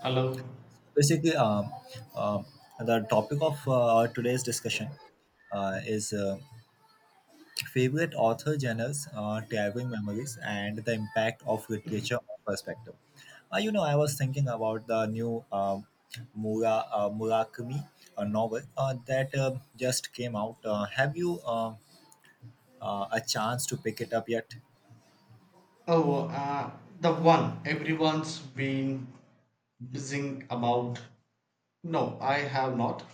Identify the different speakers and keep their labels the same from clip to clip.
Speaker 1: Hello.
Speaker 2: Basically um, the topic of our today's discussion is favorite author genres, traveling memories, and the impact of literature on perspective. You know, I was thinking about the new Murakami novel that just came out. Have you a chance to pick it up yet?
Speaker 1: Oh, the one everyone's been buzzing about. No, I have not.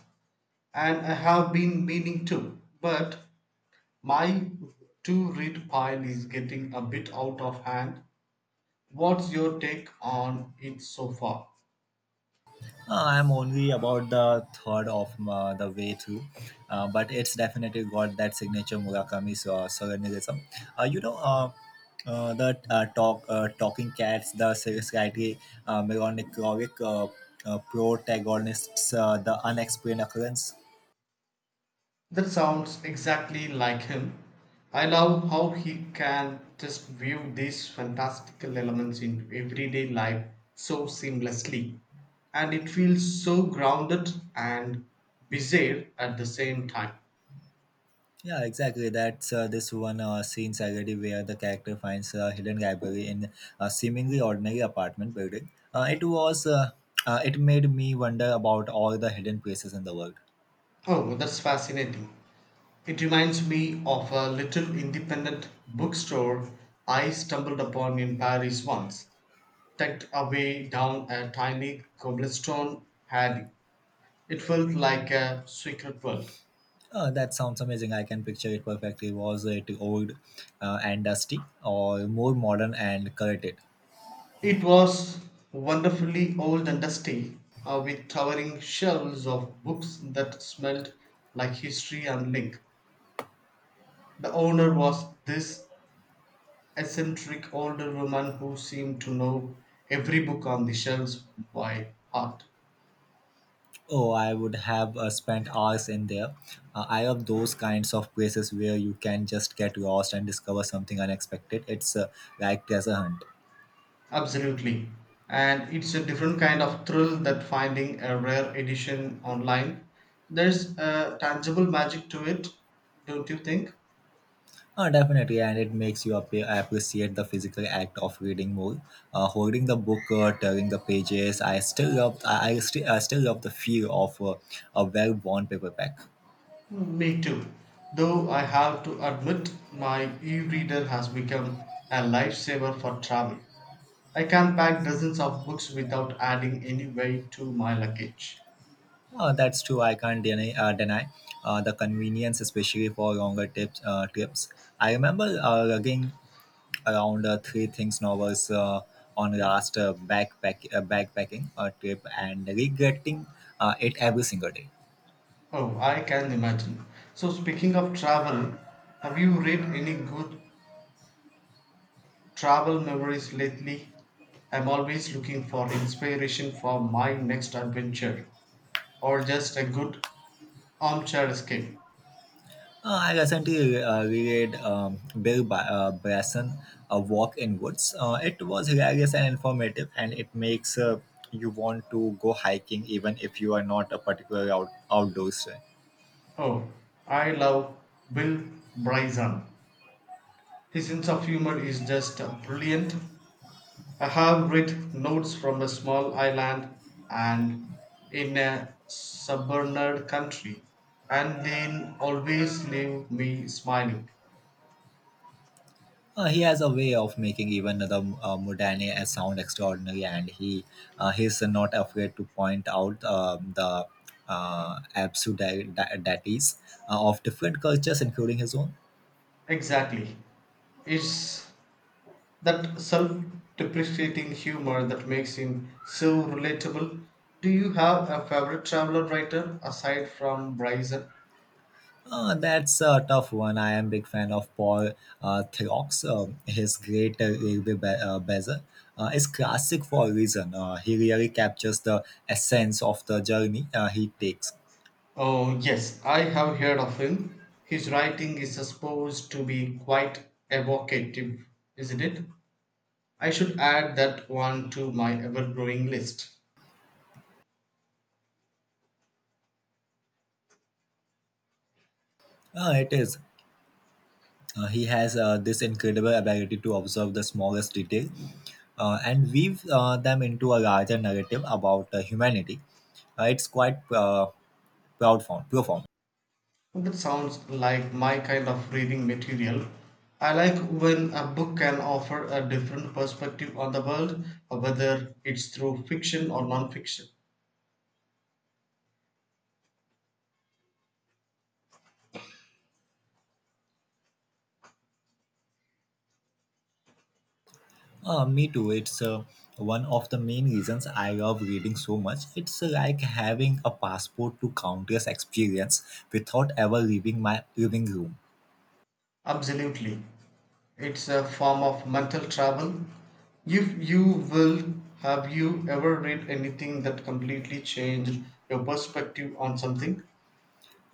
Speaker 1: And I have been meaning to, but my to read pile is getting a bit out of hand. What's your take on it so far?
Speaker 2: I'm only about the third of the way through, but it's definitely got that signature Murakami surrealism. Uh, you know, uh, the talking cats, the slightly melancholic protagonists, the unexplained occurrence.
Speaker 1: That sounds exactly like him. I love how he can just view these fantastical elements in everyday life so seamlessly. And it feels so grounded and bizarre at the same time.
Speaker 2: Yeah, exactly. That's this one scene Sagadi where the character finds a hidden library in a seemingly ordinary apartment building. It made me wonder about all the hidden places in the world.
Speaker 1: Oh, that's fascinating. It reminds me of a little independent bookstore I stumbled upon in Paris once, tucked away down a tiny cobblestone alley. It felt like a secret world.
Speaker 2: That sounds amazing. I can picture it perfectly. Was it old and dusty, or more modern and curated?
Speaker 1: It was wonderfully old and dusty, with towering shelves of books that smelled like history and link. The owner was this eccentric older woman who seemed to know every book on the shelves by heart.
Speaker 2: Oh, I would have spent hours in there. I love those kinds of places where you can just get lost and discover something unexpected. It's like treasure hunt.
Speaker 1: Absolutely. And it's a different kind of thrill that finding a rare edition online. There's a tangible magic to it, don't you think?
Speaker 2: Definitely, and it makes you appreciate the physical act of reading more. Holding the book, turning the pages. I still love the feel of a well-worn paperback.
Speaker 1: Me too. Though I have to admit, my e reader has become a lifesaver for travel. I can pack dozens of books without adding any weight to my luggage.
Speaker 2: That's true. I can't deny the convenience, especially for longer trips. I remember lugging around three things novels on last backpacking trip and regretting it every single day.
Speaker 1: Oh, I can imagine. So, speaking of travel, have you read any good travel memories lately? I'm always looking for inspiration for my next adventure or just a good armchair escape.
Speaker 2: I recently reread Bill Bryson, A Walk in Woods. It was hilarious and informative, and it makes you want to go hiking even if you are not a particular outdoors fan.
Speaker 1: Oh, I love Bill Bryson. His sense of humor is just brilliant. I have read Notes from a Small Island and In a Suburban Country, and they always leave me smiling.
Speaker 2: He has a way of making even the mundane sound extraordinary, and he's not afraid to point out the absurdities of different cultures, including his own.
Speaker 1: Exactly. It's that self depreciating humor that makes him so relatable. Do you have a favorite traveler writer aside from Bryson?
Speaker 2: That's a tough one. I am big fan of Paul Throx. His great Railway Bezel is classic for a reason. He really captures the essence of the journey he takes.
Speaker 1: Oh, yes, I have heard of him. His writing is supposed to be quite evocative, isn't it? I should add that one to my ever growing list.
Speaker 2: It is. He has this incredible ability to observe the smallest detail and weave them into a larger narrative about humanity. It's quite profound.
Speaker 1: That sounds like my kind of reading material. I like when a book can offer a different perspective on the world, whether it's through fiction or non fiction.
Speaker 2: Me too. It's one of the main reasons I love reading so much. It's like having a passport to countless experience without ever leaving my living room.
Speaker 1: Absolutely. It's a form of mental travel. If you will, have you ever read anything that completely changed your perspective on something?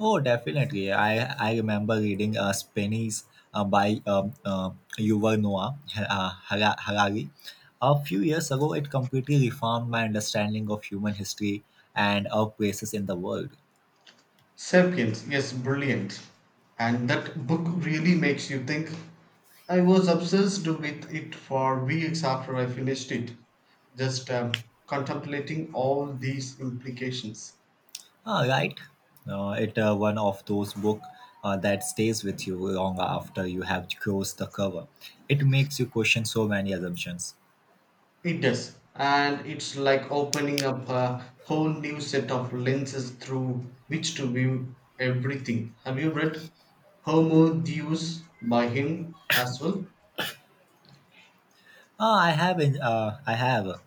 Speaker 2: Oh, definitely. I remember reading Spanish by Yuval Noah Harari. A few years ago, it completely reformed my understanding of human history and of places in the world.
Speaker 1: Sapiens, yes, brilliant. And that book really makes you think. I was obsessed with it for weeks after I finished it, just contemplating all these implications.
Speaker 2: Ah, right. It One of those book that stays with you long after you have closed the cover. It makes you question so many assumptions.
Speaker 1: It does. And it's like opening up a whole new set of lenses through which to view everything. Have you read Homo Deus by him as well?
Speaker 2: Ah, I have,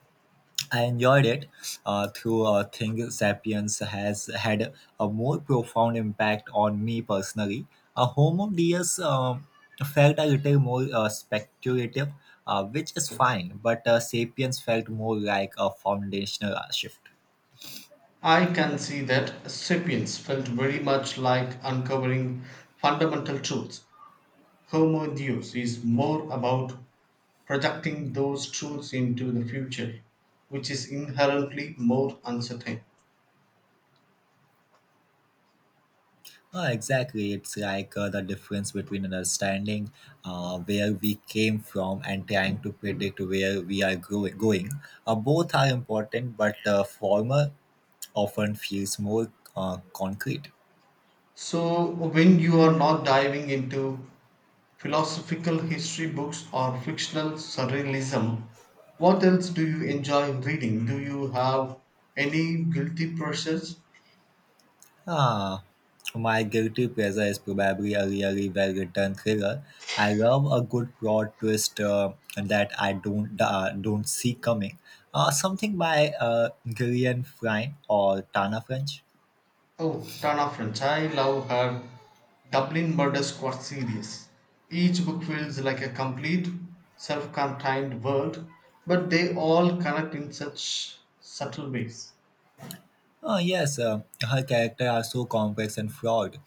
Speaker 2: I enjoyed it. *Sapiens* has had a more profound impact on me personally. A Homo Deus felt a little more speculative, which is fine, but *Sapiens* felt more like a foundational shift.
Speaker 1: I can see that Sapiens felt very much like uncovering fundamental truths. Homo Deus is more about projecting those truths into the future, which is inherently more uncertain.
Speaker 2: Exactly. It's like the difference between understanding where we came from and trying to predict where we are going. Both are important, but the former often feels more concrete.
Speaker 1: So, when you are not diving into philosophical history books or fictional surrealism, what else do you enjoy reading? Do you have any guilty pleasures?
Speaker 2: Ah, my guilty pleasure is probably a really well written thriller. I love a good plot twist that I don't see coming. Something by Gillian Flynn or Tana French.
Speaker 1: Oh, Tana French. I love her Dublin Murder Squad series. Each book feels like a complete, self contained world, but they all connect in such subtle ways.
Speaker 2: Yes, her character are so complex and flawed.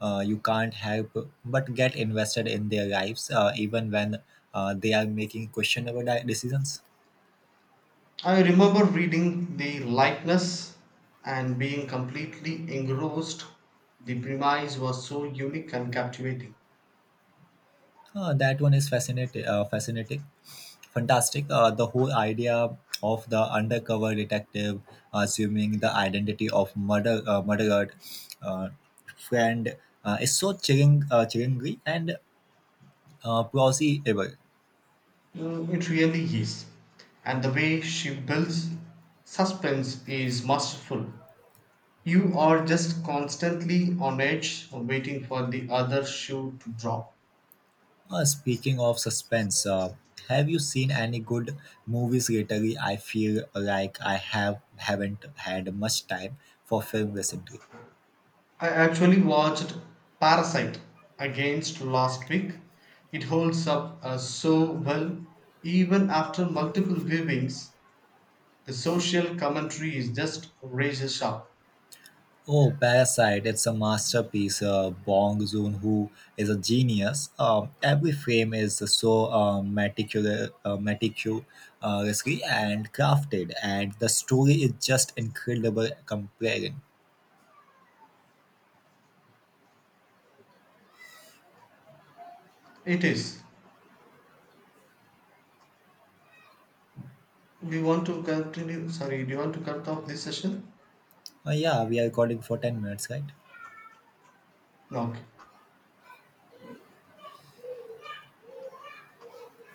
Speaker 2: You can't help but get invested in their lives, even when they are making questionable decisions.
Speaker 1: I remember reading the likeness and being completely engrossed. The premise was so unique and captivating.
Speaker 2: That one is fantastic. The whole idea of the undercover detective assuming the identity of murdered uh, friend is so chillingly and plausible.
Speaker 1: Mm, it really is. And the way she builds suspense is masterful. You are just constantly on edge waiting for the other shoe to drop.
Speaker 2: Speaking of suspense, have you seen any good movies lately? I feel like I have haven't had much time for film recently.
Speaker 1: I actually watched Parasite against last week. It holds up so well even after multiple viewings. The social commentary is just razor sharp.
Speaker 2: Oh, Parasite! It's a masterpiece. Bong Joon-ho is a genius. Every frame is so meticulously and crafted, and the story is just incredible. Comparing.
Speaker 1: It is. We want to continue. Sorry, do you want to cut off this session?
Speaker 2: Yeah, we are recording for 10 minutes, right?
Speaker 1: No. Okay.